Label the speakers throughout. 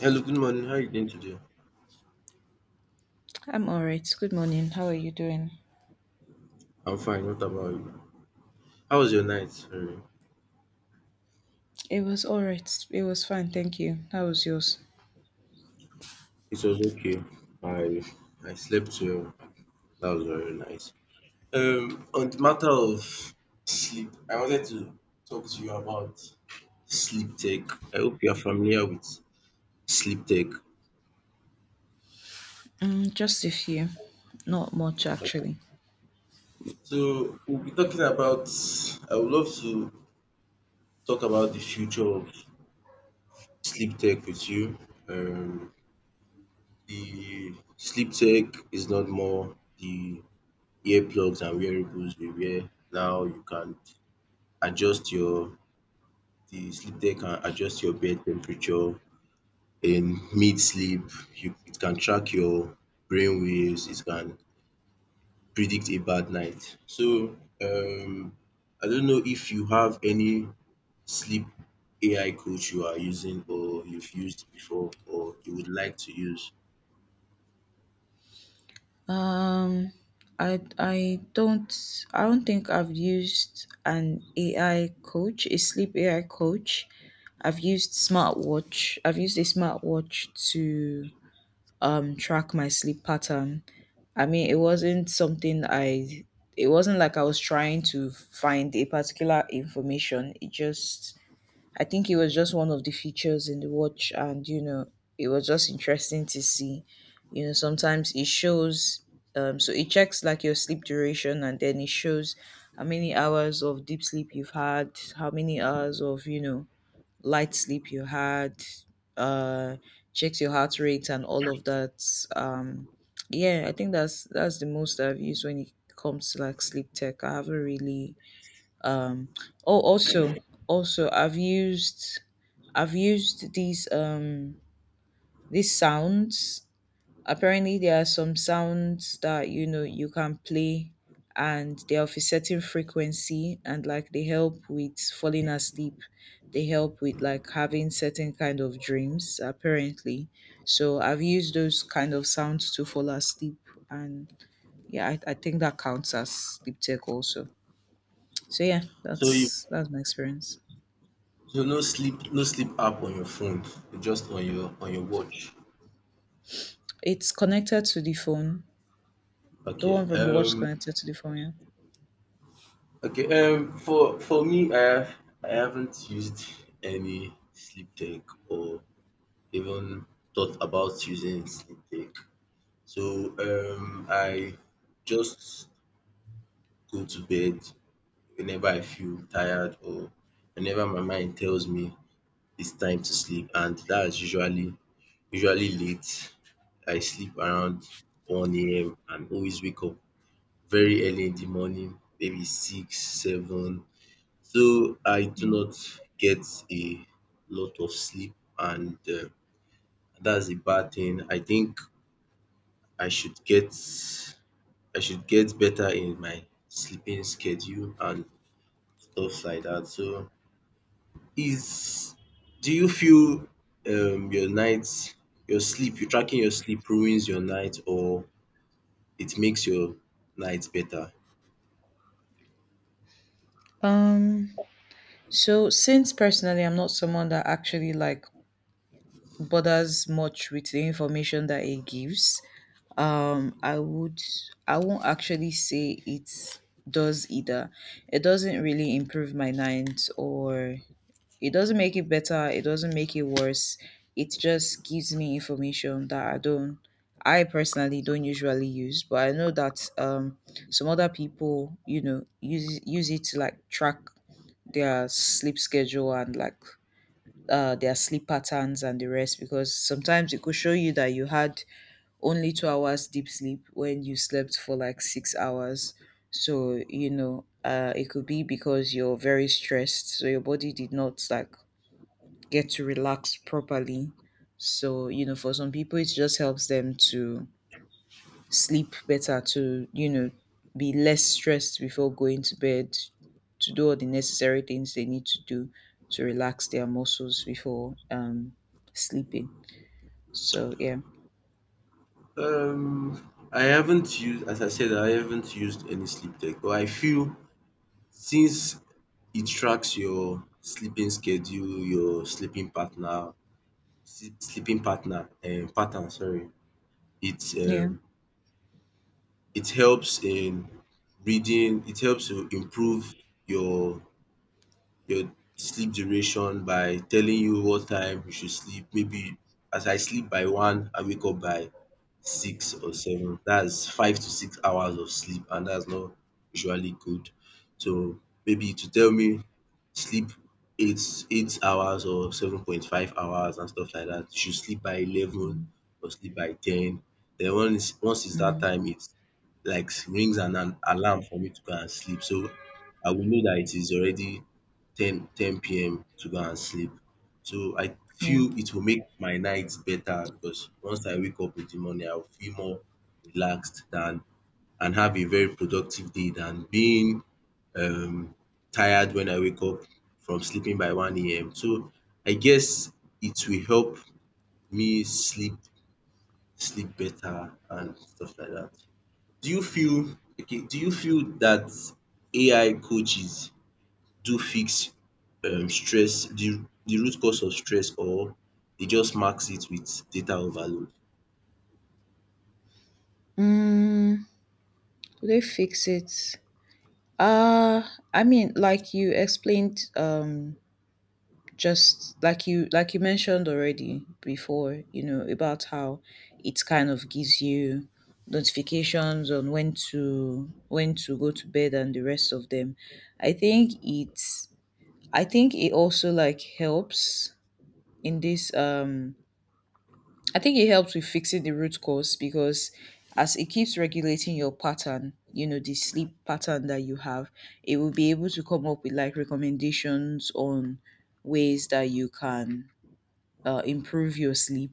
Speaker 1: Hello, good morning. How are you doing today?
Speaker 2: I'm all right. Good morning. How are you doing?
Speaker 1: I'm fine. What about you? How was your night?
Speaker 2: It was all right. It was fine. Thank you. How was yours?
Speaker 1: It was okay. I I slept well. That was very nice. On the matter of sleep, I wanted to talk to you about sleep tech. I hope you are familiar with sleep tech.
Speaker 2: Mm, just a few. Not much actually.
Speaker 1: So we'll be talking about. I would love to talk about the future of sleep tech with you. Um, the sleep tech is not more the earplugs and wearables dey wear now you can adjust your the sleep tech can adjust your bed temperature in mid-sleep. You it can track your brain waves, it can predict a bad night. So um I don't know if you have any sleep AI coach you are using or you've used before or you would like to use.
Speaker 2: Um, I I don't I don't think I've used an AI coach, a sleep AI coach. I've used smartwatch. I've used a smartwatch to track my sleep pattern. I mean, it wasn't something I it wasn't like I was trying to find a particular information. It just I think it was just one of the features in the watch, and you know, it was just interesting to see. You know, sometimes it shows so it checks like your sleep duration, and then it shows how many hours of deep sleep you've had, how many hours of, you know, light sleep you had, uh, checks your heart rate and all of that. Um, yeah, I think that's the most I've used when it comes to like sleep tech. I haven't really. Um, oh, also, also I've used, I've used these sounds. Apparently, there are some sounds that you know you can play, and they're of a certain frequency, and like they help with falling asleep. They help with like having certain kind of dreams. Apparently, so I've used those kind of sounds to fall asleep, and yeah, I think that counts as sleep tech also. So yeah,
Speaker 1: So you
Speaker 2: that's my experience.
Speaker 1: so no sleep no sleep app on your phone, just on your watch.
Speaker 2: It's connected to the phone. The
Speaker 1: Okay.
Speaker 2: one from the watch is connected to the phone. Yeah.
Speaker 1: Okay, for me, I have I haven't used any sleep tech or even thought about using sleep tech. So I just go to bed whenever I feel tired or whenever my mind tells me it's time to sleep, and that's usually late. I sleep around 1 a.m. and always wake up very early in the morning, maybe six, seven. So I do not get a lot of sleep, and that's a bad thing. I think I should get I should get better in my sleeping schedule and stuff like that. So is do you feel your nights your sleep you tracking your sleep ruins your night or it makes your night better?
Speaker 2: Um. So, since personally I'm not someone that actually like bothers much with the information that it gives, um, I would I won't actually say it does either. It doesn't really improve my night, or it doesn't make it better, it doesn't make it worse. It just gives me information that I personally don't usually use, but I know that some other people, you know, use it to like track their sleep schedule and like their sleep patterns and the rest, because sometimes it could show you that you had only 2 hours deep sleep when you slept for like 6 hours. So, you know, it could be because you're very stressed. So your body did not like get to relax properly. So, you know, for some people, it just helps them to sleep better, to, you know, be less stressed before going to bed, to do all the necessary things they need to do to relax their muscles before sleeping. So, yeah.
Speaker 1: I haven't used, as I said, I haven't used any sleep tech, but I feel since it tracks your sleeping schedule, your sleeping partner, sleeping partner pattern, sorry. It
Speaker 2: Yeah.
Speaker 1: it helps in reading, it helps to improve your your sleep duration by telling you what time you should sleep. Maybe as I sleep by one, I wake up by six or seven. That's 5 to 6 hours of sleep, and that's not usually good. So maybe to tell me sleep 8 8 hours or 7.5 hours and stuff like that. You should sleep by 11
Speaker 2: Mm,
Speaker 1: or sleep by ten. Then once it's that
Speaker 2: mm,
Speaker 1: time, it's like rings an alarm for me to go and sleep. So I will know that it is already 10 10 PM to go and sleep. So I
Speaker 2: yeah.
Speaker 1: feel it will make my nights better because once I wake up in the morning, I will feel more relaxed than and have a very productive day than being um tired when I wake up from sleeping by 1 AM. So I guess it will help me sleep better and stuff like that. Do you feel okay, do you feel that AI coaches do fix stress, the root cause of stress, or dey just mask it with data overload?
Speaker 2: Mm, do they fix it? Uh, I mean, like you explained, just like you mentioned already before, you know, about how it kind of gives you notifications on when to go to bed and the rest of them. I think it's I think it also like helps in this I think it helps with fixing the root cause because as it keeps regulating your pattern, you know, the sleep pattern that you have, it will be able to come up with like recommendations on ways that you can improve your sleep.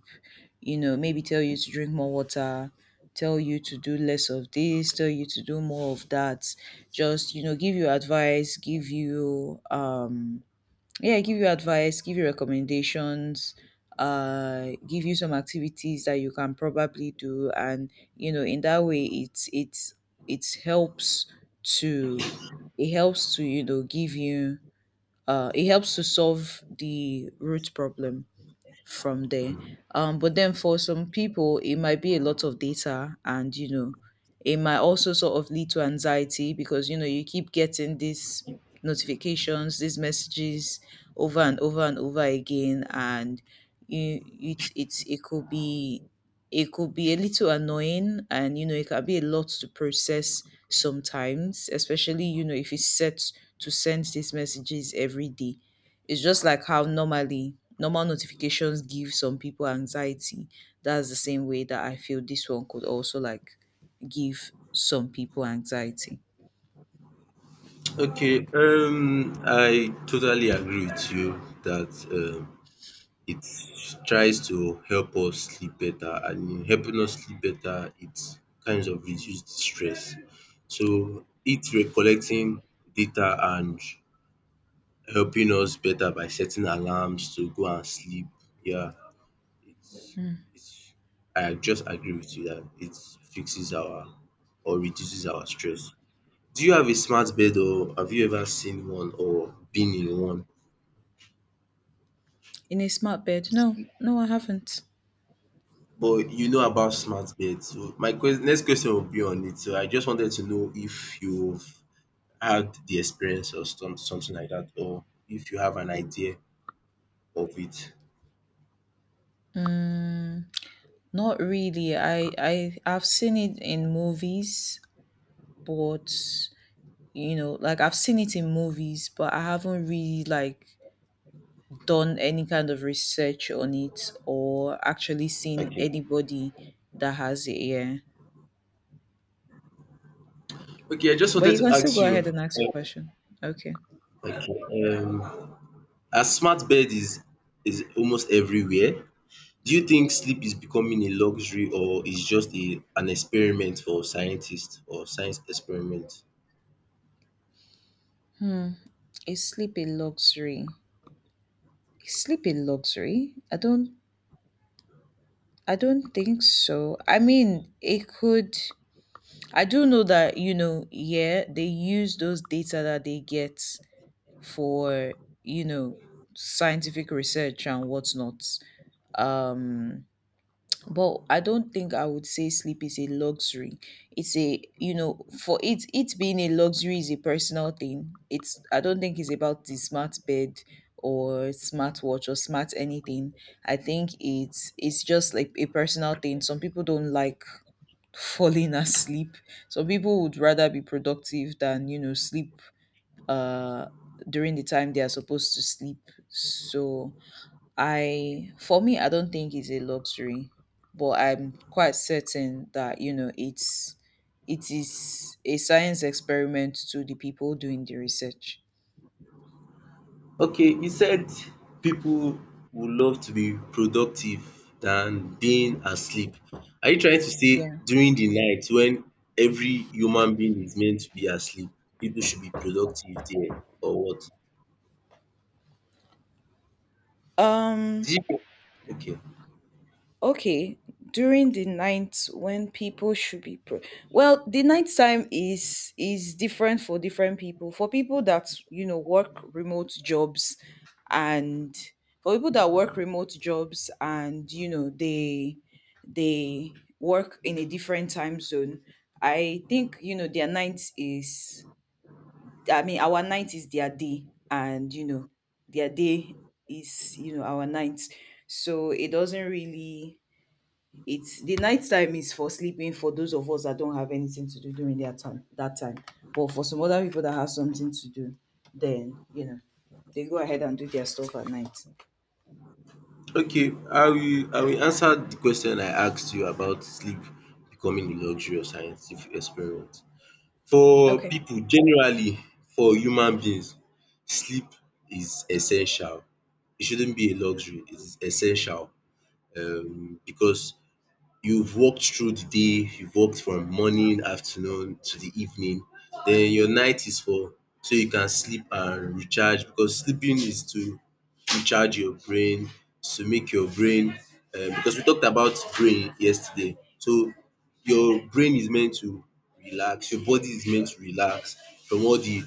Speaker 2: You know, maybe tell you to drink more water, tell you to do less of this, tell you to do more of that, just you know give you advice, give you yeah give you advice, give you recommendations, give you some activities that you can probably do, and you know in that way it helps to it helps to you know give you it helps to solve the root problem from there. But then for some people, it might be a lot of data, and you know, it might also sort of lead to anxiety because you know you keep getting these notifications, these messages over and over and over again, and you it could be a little annoying, and you know it can be a lot to process sometimes, especially, you know, if it's set to send these messages every day. It's just like how normal notifications give some people anxiety. That's the same way that I feel this one could also like give some people anxiety.
Speaker 1: Okay, I totally agree with you that um, it tries to help us sleep better, and in helping us sleep better, it kind of reduces the stress. So, it recollecting data and helping us better by setting alarms to go and sleep. Yeah, it's it's I just agree with you that it fixes our or reduces our stress. Do you have a smart bed or have you ever seen one or been in one?
Speaker 2: In a smart bed? No, no, I haven't.
Speaker 1: But you know about smart beds. So my ques next question will be on it. So I just wanted to know if you've had the experience or some something like that or if you have an idea of it.
Speaker 2: Not really. I've seen it in movies, but you know, like I've seen it in movies, but I haven't really like done any kind of research on it or actually seen
Speaker 1: Okay.
Speaker 2: anybody that has it. Yeah,
Speaker 1: Okay, I just
Speaker 2: but
Speaker 1: wanted
Speaker 2: you
Speaker 1: to
Speaker 2: can still
Speaker 1: ask
Speaker 2: go
Speaker 1: you.
Speaker 2: ahead and ask a question. Okay.
Speaker 1: Okay, as smart bed is almost everywhere, do you think sleep is becoming a luxury or is just a an experiment for scientists or science experiment?
Speaker 2: is sleep a luxury is sleep a luxury? I don't think so. I mean, it could. I do know that you know yeah they use those data that they get for you know scientific research and whatnot. Um, but I don't think I would say sleep is a luxury. It's a, you know, for it, it being a luxury is a personal thing. It's, I don't think it's about the smart bed or smartwatch or smart anything. I think it's just like a personal thing. Some people don't like falling asleep. Some people would rather be productive than you know sleep uh during the time they are supposed to sleep. So I, for me, I don't think it's a luxury, but I'm quite certain that you know it's, it is a science experiment to the people doing the research.
Speaker 1: Okay, you said people would love to be productive than being asleep. Are you trying to say
Speaker 2: Yeah.
Speaker 1: during the night when every human being is meant to be asleep, people should be productive there or what?
Speaker 2: Um
Speaker 1: Did you- Okay.
Speaker 2: Okay, during the night when people should be pro- well, the night time is different for different people. For people that you know work remote jobs, and for people that work remote jobs and you know they work in a different time zone, I think you know their night is. I mean, our night is their day, and you know their day is you know our night. So it doesn't really, it's the night time is for sleeping for those of us that don't have anything to do during their time that time. But for some other people that have something to do, then you know, they go ahead and do their stuff at night.
Speaker 1: Okay, I will answer de question I asked you about sleep becoming a luxury or scientific experiment. For
Speaker 2: Okay.
Speaker 1: pipu generally, for human beings, sleep is essential. E shouldn't be a luxury, it is essential because you've worked through the day, you've worked from morning, afternoon to the evening, then your night is for so you can sleep and recharge, because sleeping is to recharge your brain, to make your brain because we talked about brain yesterday. So your brain is meant to relax, your body is meant to relax from all the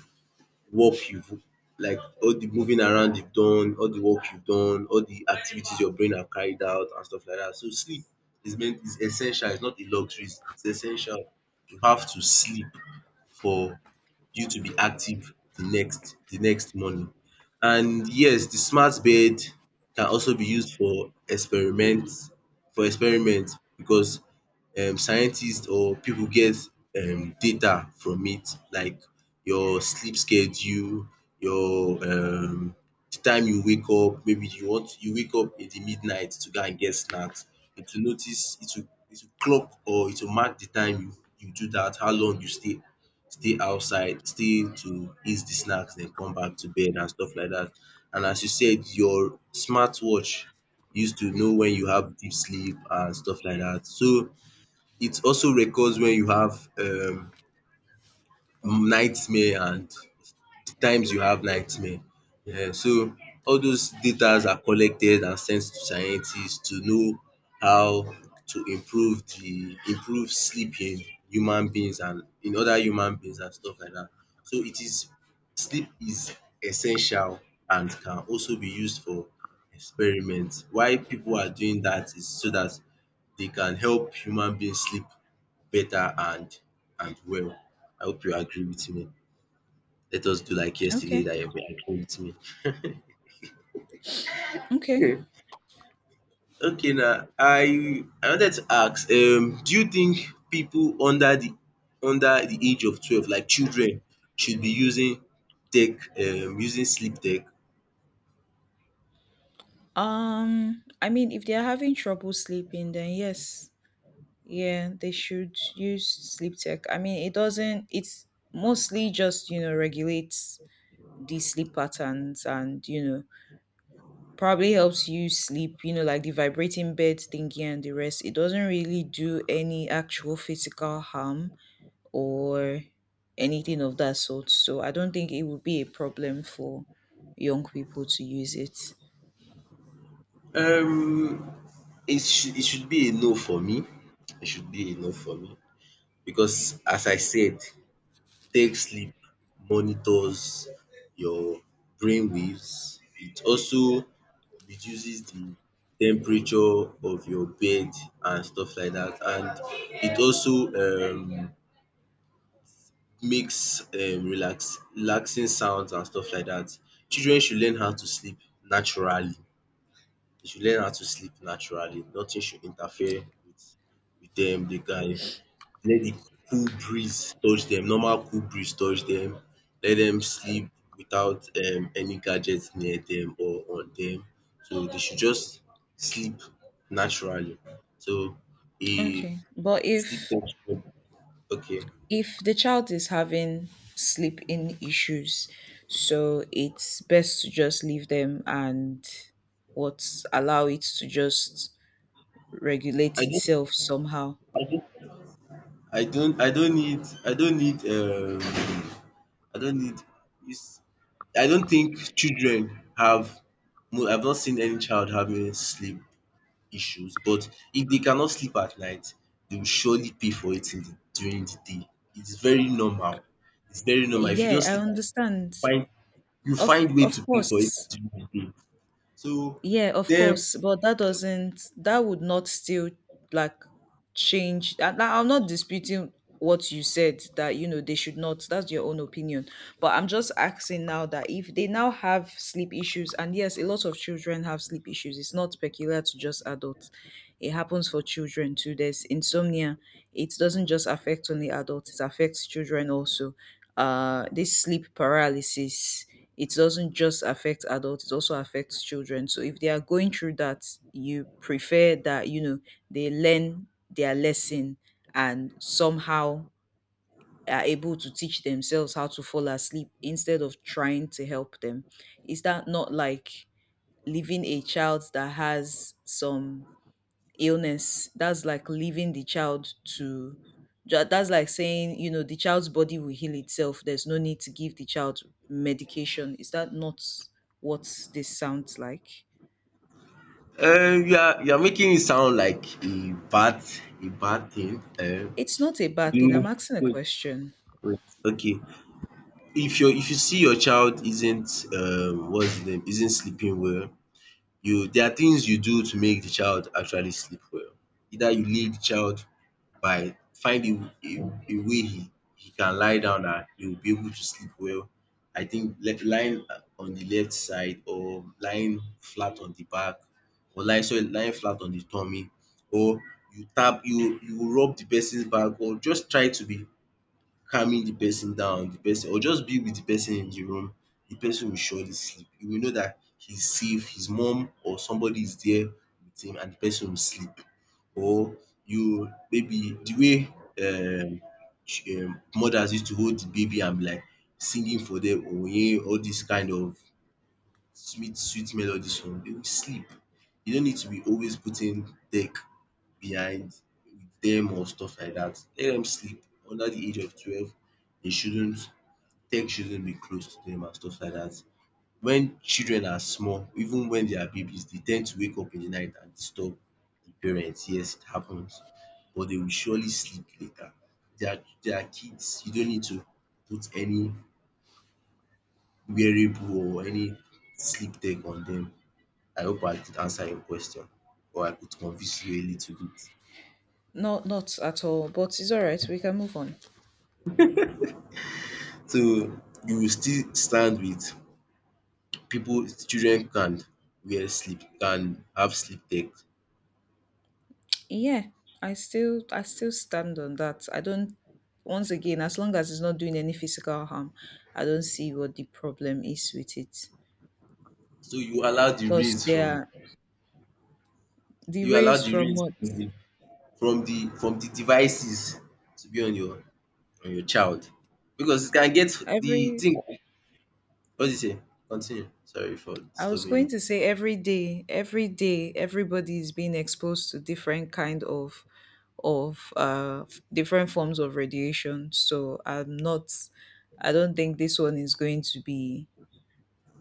Speaker 1: work you've like all the moving around you've done, all the work you've done, all the activities your brain have carried out and stuff like that. So sleep is meant is essential, it's not a luxury, it's essential. You have to sleep for you to be active the next morning. And yes, the smart bed can also be used for experiment because scientists or people get data from it like your sleep schedule, your the time you wake up, maybe you wake up in the midnight to go and get snacks. It will notice it will clock or it will mark the time you do that. How long you stay stay outside, stay to eat the snacks, then come back to bed and stuff like that. And as you said, your smartwatch used to know when you have deep sleep and stuff like that. So it also records when you have nightmare and times you have nightmare. So all those datas are collected and sent to scientists to know how to improve sleep in human beings and in other human beings and stuff like that. So it is sleep is essential and can also be used for experiments. Why people are doing that is so that they can help human beings sleep better and well. I hope you agree with me, let us do like yesterday
Speaker 2: Okay.
Speaker 1: that you have been agreeing with me.
Speaker 2: Okay.
Speaker 1: Okay now, I wanted to ask do you think people under the age of 12, like children, should be using tech, using sleep tech?
Speaker 2: I mean, if they're having trouble sleeping, then yes, yeah, they should use sleep tech. I mean, it doesn't, it's mostly just, you know, regulates the sleep patterns and, you know, probably helps you sleep, you know, like the vibrating bed thingy and the rest. It doesn't really do any actual physical harm or anything of that sort. So I don't think it would be a problem for young people to use it.
Speaker 1: Um it should be a no for me. It should be a no for me because, as I said, take sleep monitors your brain waves. It also reduces the temperature of your bed and stuff like that. And it also makes relax relaxing sounds and stuff like that. Children should learn how to sleep naturally. They should learn how to sleep naturally. Nothing should interfere with them. They can let the cool breeze touch them. Normal cool breeze touch them. Let them sleep without any gadgets near them or on them. So they should just sleep naturally. So a
Speaker 2: Okay. But
Speaker 1: sleep texture okay.
Speaker 2: if the child is having sleep in issues, so it's best to just leave them and what allow it to just regulate
Speaker 1: I don't
Speaker 2: itself somehow.
Speaker 1: I don't I don't need I don't need I don't need dis I don't think children have no I've not seen any child having sleep issues, but if they cannot sleep at night, they will surely pay for it in the during the day. It's very normal, it's very normal. If you
Speaker 2: Yeah,
Speaker 1: don't
Speaker 2: I
Speaker 1: sleep at night,
Speaker 2: understand.
Speaker 1: find you find way to
Speaker 2: Of
Speaker 1: pay for it
Speaker 2: course.
Speaker 1: during the day. So
Speaker 2: Yeah, of
Speaker 1: then
Speaker 2: course. But that doesn't, that would not still like change. I'm not disputing what you said that you know they should not. That's your own opinion. But I'm just asking now that if they now have sleep issues, and yes, a lot of children have sleep issues. It's not peculiar to just adults. It happens for children too. There's insomnia. It doesn't just affect only adults. It affects children also. This sleep paralysis, it doesn't just affect adults, it also affects children. So if they are going through that, you prefer that you know they learn their lesson and somehow are able to teach themselves how to fall asleep instead of trying to help them? Is that not like leaving a child that has some illness? That's like saying you know the child's body will heal itself, there's no need to give the child medication. Is that not what this sounds like?
Speaker 1: you are making it sound like a bad thing
Speaker 2: It's not a bad thing,
Speaker 1: you
Speaker 2: I'm asking a
Speaker 1: wait
Speaker 2: question.
Speaker 1: wait okay. If you see your child isn't what's the name isn't sleeping well, you there are things you do to make the child actually sleep well. Either you leave the child by finding a way he can lie down and he will be able to sleep well. I think lying on the left side or lying flat on the back or lying, sorry, lying flat on the tummy, or you tap you rub the person's back or just try to be calming the person down, the person, or just be with the person in the room, the person will surely sleep. You will know dat he's safe, his mum or somebody is there with him and the person will sleep. Or you maybe the way mothers used to hold the baby and be like singing for dem oye all dis kind of sweet sweet melodies for dem, dem will sleep. You no need to be always putting tech behind dem or stuff like dat. Let dem sleep under de age of 12. Dey shouldn't tech shouldn't be close to dem and stuff like dat. Wen children are small, even wen they are babies, dey ten d to wake up in de night and disturb de parents. Yes, it happens, but dey will surely sleep later. They are kids. You don't need to put any wearable or any sleep tech on dem. I hope I could answer your question or I could convince you a little bit.
Speaker 2: Not not at all, but it's all right, we can move on.
Speaker 1: So you will still stand with people children can wear sleep can have sleep tech.
Speaker 2: Yeah, I still stand on that. I don't, once again, as long as it's not doing any physical harm, I don't see what the problem is with it.
Speaker 1: So you allow the
Speaker 2: Plus
Speaker 1: rays
Speaker 2: they
Speaker 1: from
Speaker 2: are, the rays from what?
Speaker 1: the from the devices to be on your child because it can get the
Speaker 2: Every,
Speaker 1: thing. What did you say? Continue. Sorry for
Speaker 2: I was
Speaker 1: disturbing
Speaker 2: going
Speaker 1: you.
Speaker 2: to say every day, everybody is being exposed to different kind of different forms of radiation. So I don't think this one is going to be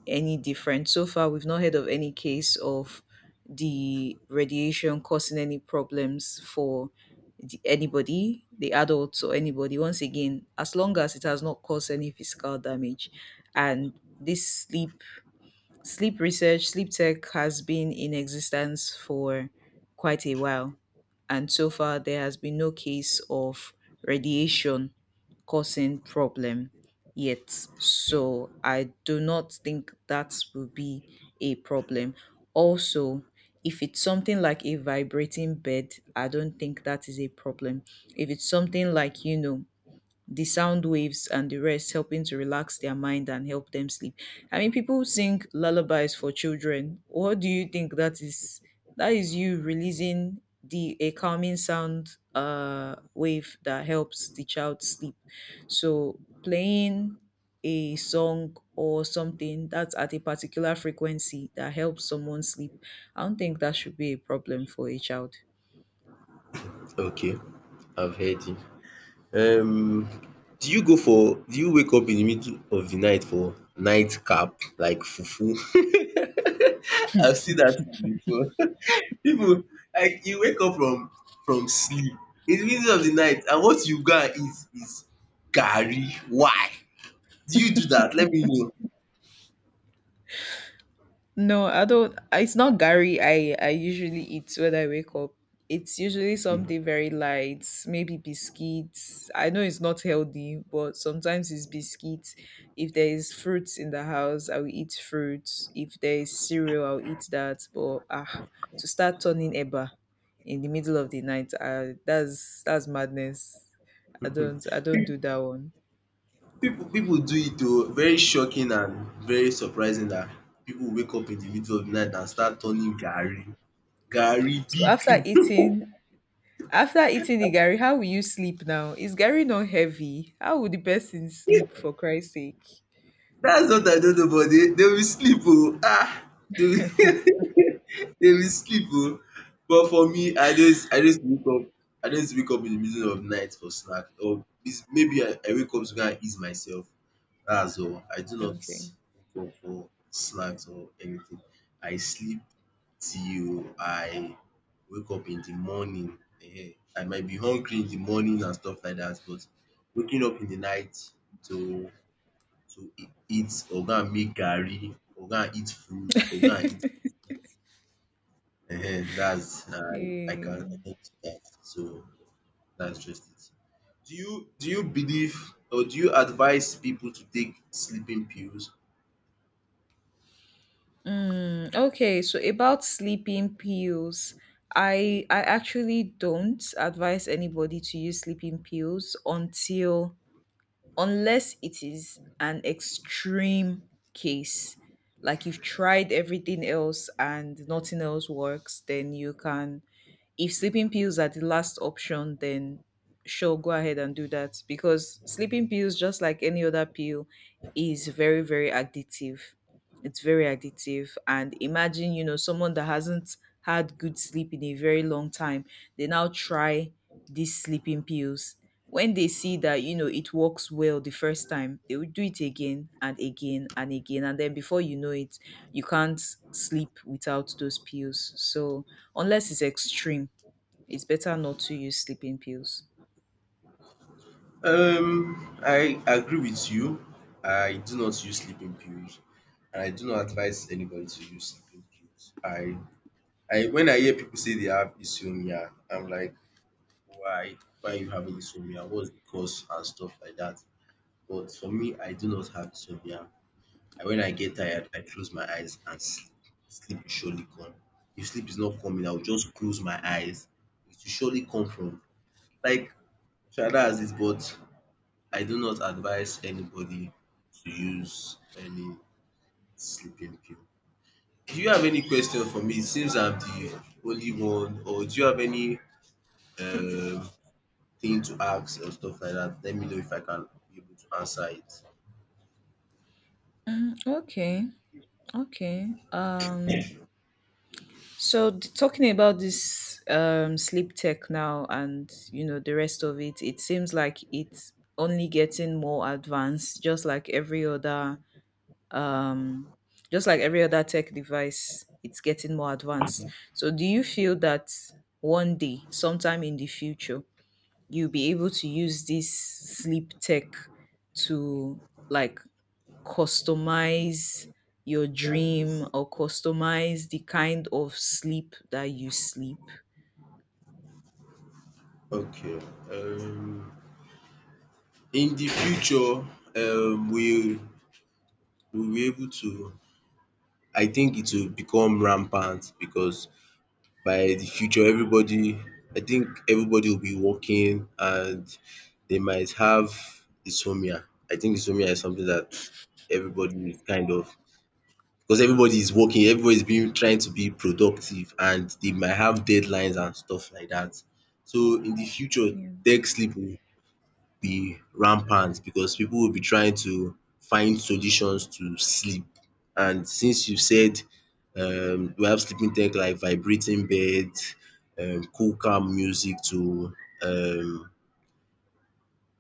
Speaker 2: any different. So far, we've not heard of any case of the radiation causing any problems for anybody, the adults or anybody. Once again, as long as it has not caused any physical damage, and this sleep sleep research, sleep tech has been in existence for quite a while, and so far there has been no case of radiation causing problem yet. So I do not think that will be a problem. Also, if it's something like a vibrating bed, I don't think that is a problem. If it's something like, you know, the sound waves and the rest helping to relax their mind and help them sleep. I mean, people sing lullabies for children. What do you think that is? That is you releasing the a calming sound wave that helps the child sleep. So playing a song or something that's at a particular frequency that helps someone sleep, I don't think that should be a problem for a child.
Speaker 1: Okay, I've heard you. Um do you wake up in the middle of the night for nightcap like fufu? I've seen that thing before. People like you wake up from sleep in the middle of the night and what you go and eat is garri. Why? Do you do that? Let me know.
Speaker 2: No, I don't. It's not Gary. I usually eat when I wake up. It's usually something very light, maybe biscuits. I know it's not healthy, but sometimes it's biscuits. If there is fruits in the house, I will eat fruits. If there is cereal, I'll eat that. But ah, to start turning eba in the middle of the night, ah, that's madness. I don't do that one.
Speaker 1: People do it o. Very shocking and very surprising that people wake up in the middle of the night and start turning garri. Garri
Speaker 2: So after
Speaker 1: big.
Speaker 2: eating, After eating the Gary, how will you sleep now? Is Gary not heavy? How would the person sleep for Christ's sake?
Speaker 1: That's what I don't know, but they will sleep oh ah. They will they will sleep oh. But for me, I just wake up, in the middle of night for snack, or is maybe I wake up to go and ease myself, that's all. I do not
Speaker 2: Okay.
Speaker 1: wake up for snacks or anything. I sleep till I wake up in the morning ehen. I might be hungry in the morning and stuff like that, but waking up in the night to eat or go and make garri or go and eat fruit or go and eat that's I can
Speaker 2: Eh,
Speaker 1: do that. So that's just it. Do you believe or do you advise people to take sleeping pills?
Speaker 2: okay, so about sleeping pills. I actually don't advise anybody to use sleeping pills until unless it is an extreme case. Like you've tried everything else and nothing else works, then you can if sleeping pills are the last option, then sure, go ahead and do that because sleeping pills, just like any other pill, is very, very addictive. It's very addictive. And imagine, you know, someone that hasn't had good sleep in a very long time, they now try these sleeping pills. When they see that, you know, it works well the first time, they will do it again and again and again. And then before you know it, you can't sleep without those pills. So, unless it's extreme, it's better not to use sleeping pills.
Speaker 1: I agree with you. I do not use sleeping pills and I do not advise anybody to use sleeping pills. I when I hear people say they have insomnia, I'm like, why you having insomnia? What's the cause and stuff like that. But for me, I do not have insomnia. When I get tired, I close my eyes and sleep. Sleep will surely come. If sleep is not coming, I will just close my eyes. It will surely come from like Shada has it, but I do not advise anybody to use any sleeping pill. Do you have any question for me? It seems I'm the only one, or do you have any um, thing to ask or stuff like that? Let me know if I can be able to answer it.
Speaker 2: Okay, okay. Talking about this sleep tech now, and you know the rest of it, it seems like it's only getting more advanced, just like every other um, just like every other tech device, it's getting more advanced. So do you feel that one day, sometime in the future, you'll be able to use this sleep tech to like customize your dream or customize the kind of sleep that you sleep?
Speaker 1: Okay. Um in the future, we will be able to I think it will become rampant because by the future, everybody I think everybody will be working and they might have insomnia. I think insomnia is something that everybody is kind of, because everybody is working, everybody is being trying to be productive and they might have deadlines and stuff like that. So in the future,
Speaker 2: Yeah,
Speaker 1: tech sleep will be rampant because people will be trying to find solutions to sleep. And since you said, we have sleeping tech like vibrating beds, cool calm music to um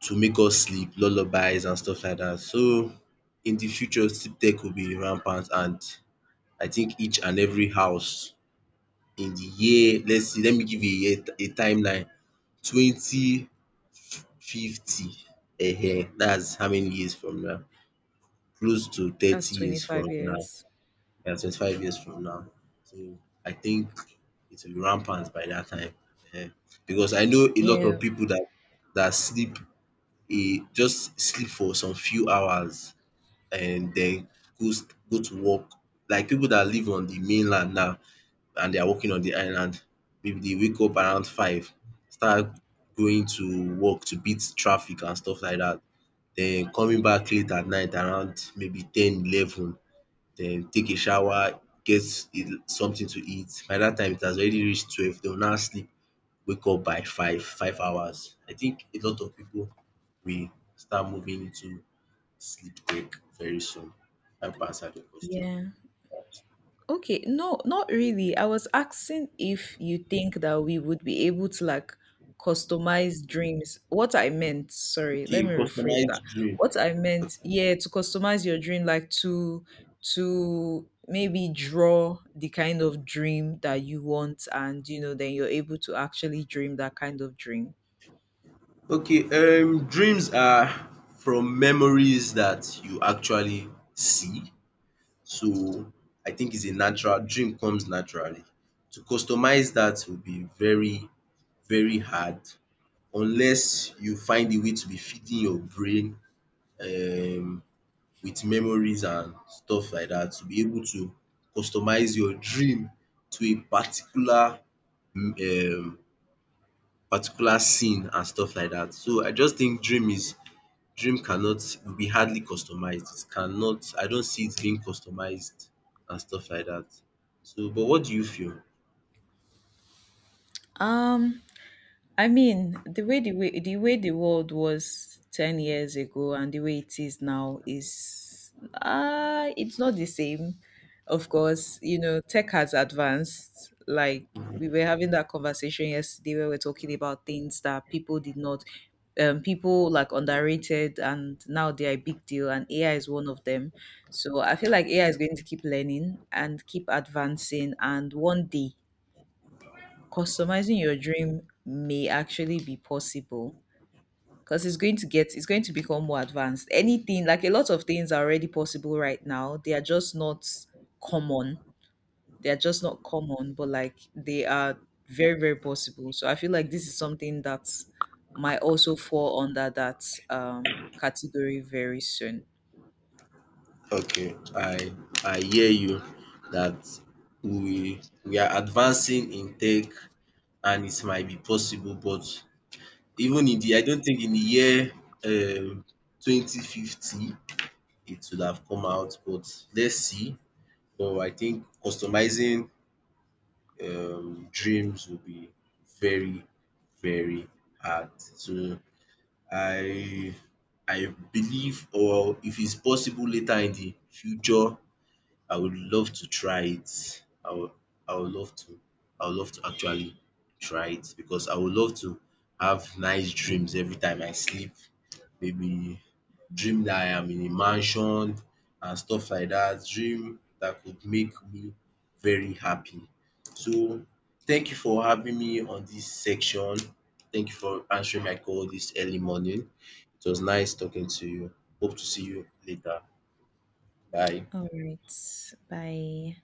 Speaker 1: make us sleep, lullabies and stuff like that. So in the future, sleep tech will be rampant and I think each and every house in the year — let's see, let me give you a year, a timeline — 2050, eh? That's how many years from now? Close to 30
Speaker 2: that's
Speaker 1: years
Speaker 2: 25
Speaker 1: from now.
Speaker 2: years.
Speaker 1: Yeah, 25 years from now. So I think it will be rampant by that time, eh? Because I know a lot
Speaker 2: Yeah,
Speaker 1: of people that that sleep a just sleep for some few hours and then goes go to work, like people that live on the mainland now and they are working on the island, maybe they wake up around 5, start going to work to beat traffic and stuff like that. Then coming back late at night around maybe 10, 11, then take a shower, something to eat. By dat time it has already reach 12, they will now sleep, wake up by 5, 5 hours. I think a lot of pipu will start moving into sleep break very soon. I hope I answered your question.
Speaker 2: yeah. Okay, no, not really. I was asking if you think that we would be able to like customize dreams. What I meant, sorry,
Speaker 1: Okay,
Speaker 2: let me rephrase
Speaker 1: customized
Speaker 2: that.
Speaker 1: dream.
Speaker 2: What I meant, yeah, to customize your dream, like to maybe draw the kind of dream that you want, and you know, then you're able to actually dream that kind of dream.
Speaker 1: Okay, dreams are from memories dat you actually see. So I think it's a natural, dream comes naturally. To customize that will be very, very hard unless you find a way to be feeding your brain um with memories and stuff like that to be able to customize your dream to a particular, um particular scene and stuff like that. So I just think dream is Dream cannot will be hardly customized. It cannot. I don't see it being customized and stuff like that. So, but what do you feel?
Speaker 2: Um, I mean, the way the world was ten years ago and the way it is now is it's not the same. Of course, you know, tech has advanced. Like we were having that conversation yesterday where we're talking about things that people did not people like underrated and now they are a big deal and AI is one of them. So I feel like AI is going to keep learning and keep advancing and one day customizing your dream may actually be possible because it's going to become more advanced. Anything like a lot of things are already possible right now, they are just not common, they are just not common, but like they are very, very possible. So I feel like this is something that might also fall under that category very soon.
Speaker 1: Okay, I hear you that we are advancing in tech and it might be possible, but even in the I don't think in the year um 2050 would have come out, but let's see. But I think customizing dreams will be very, very hard. So I I believe, or if it's possible later in the future, I would love to try it. I would love to I would love to actually try it because I would love to have nice dreams every time I sleep. Maybe dream that I am in a mansion and stuff like that. Dream that could make me very happy. So thank you for having me on this section. Thank you for answering my call this early morning. It was nice talking to you. Hope to see you later. Bye.
Speaker 2: All right, bye.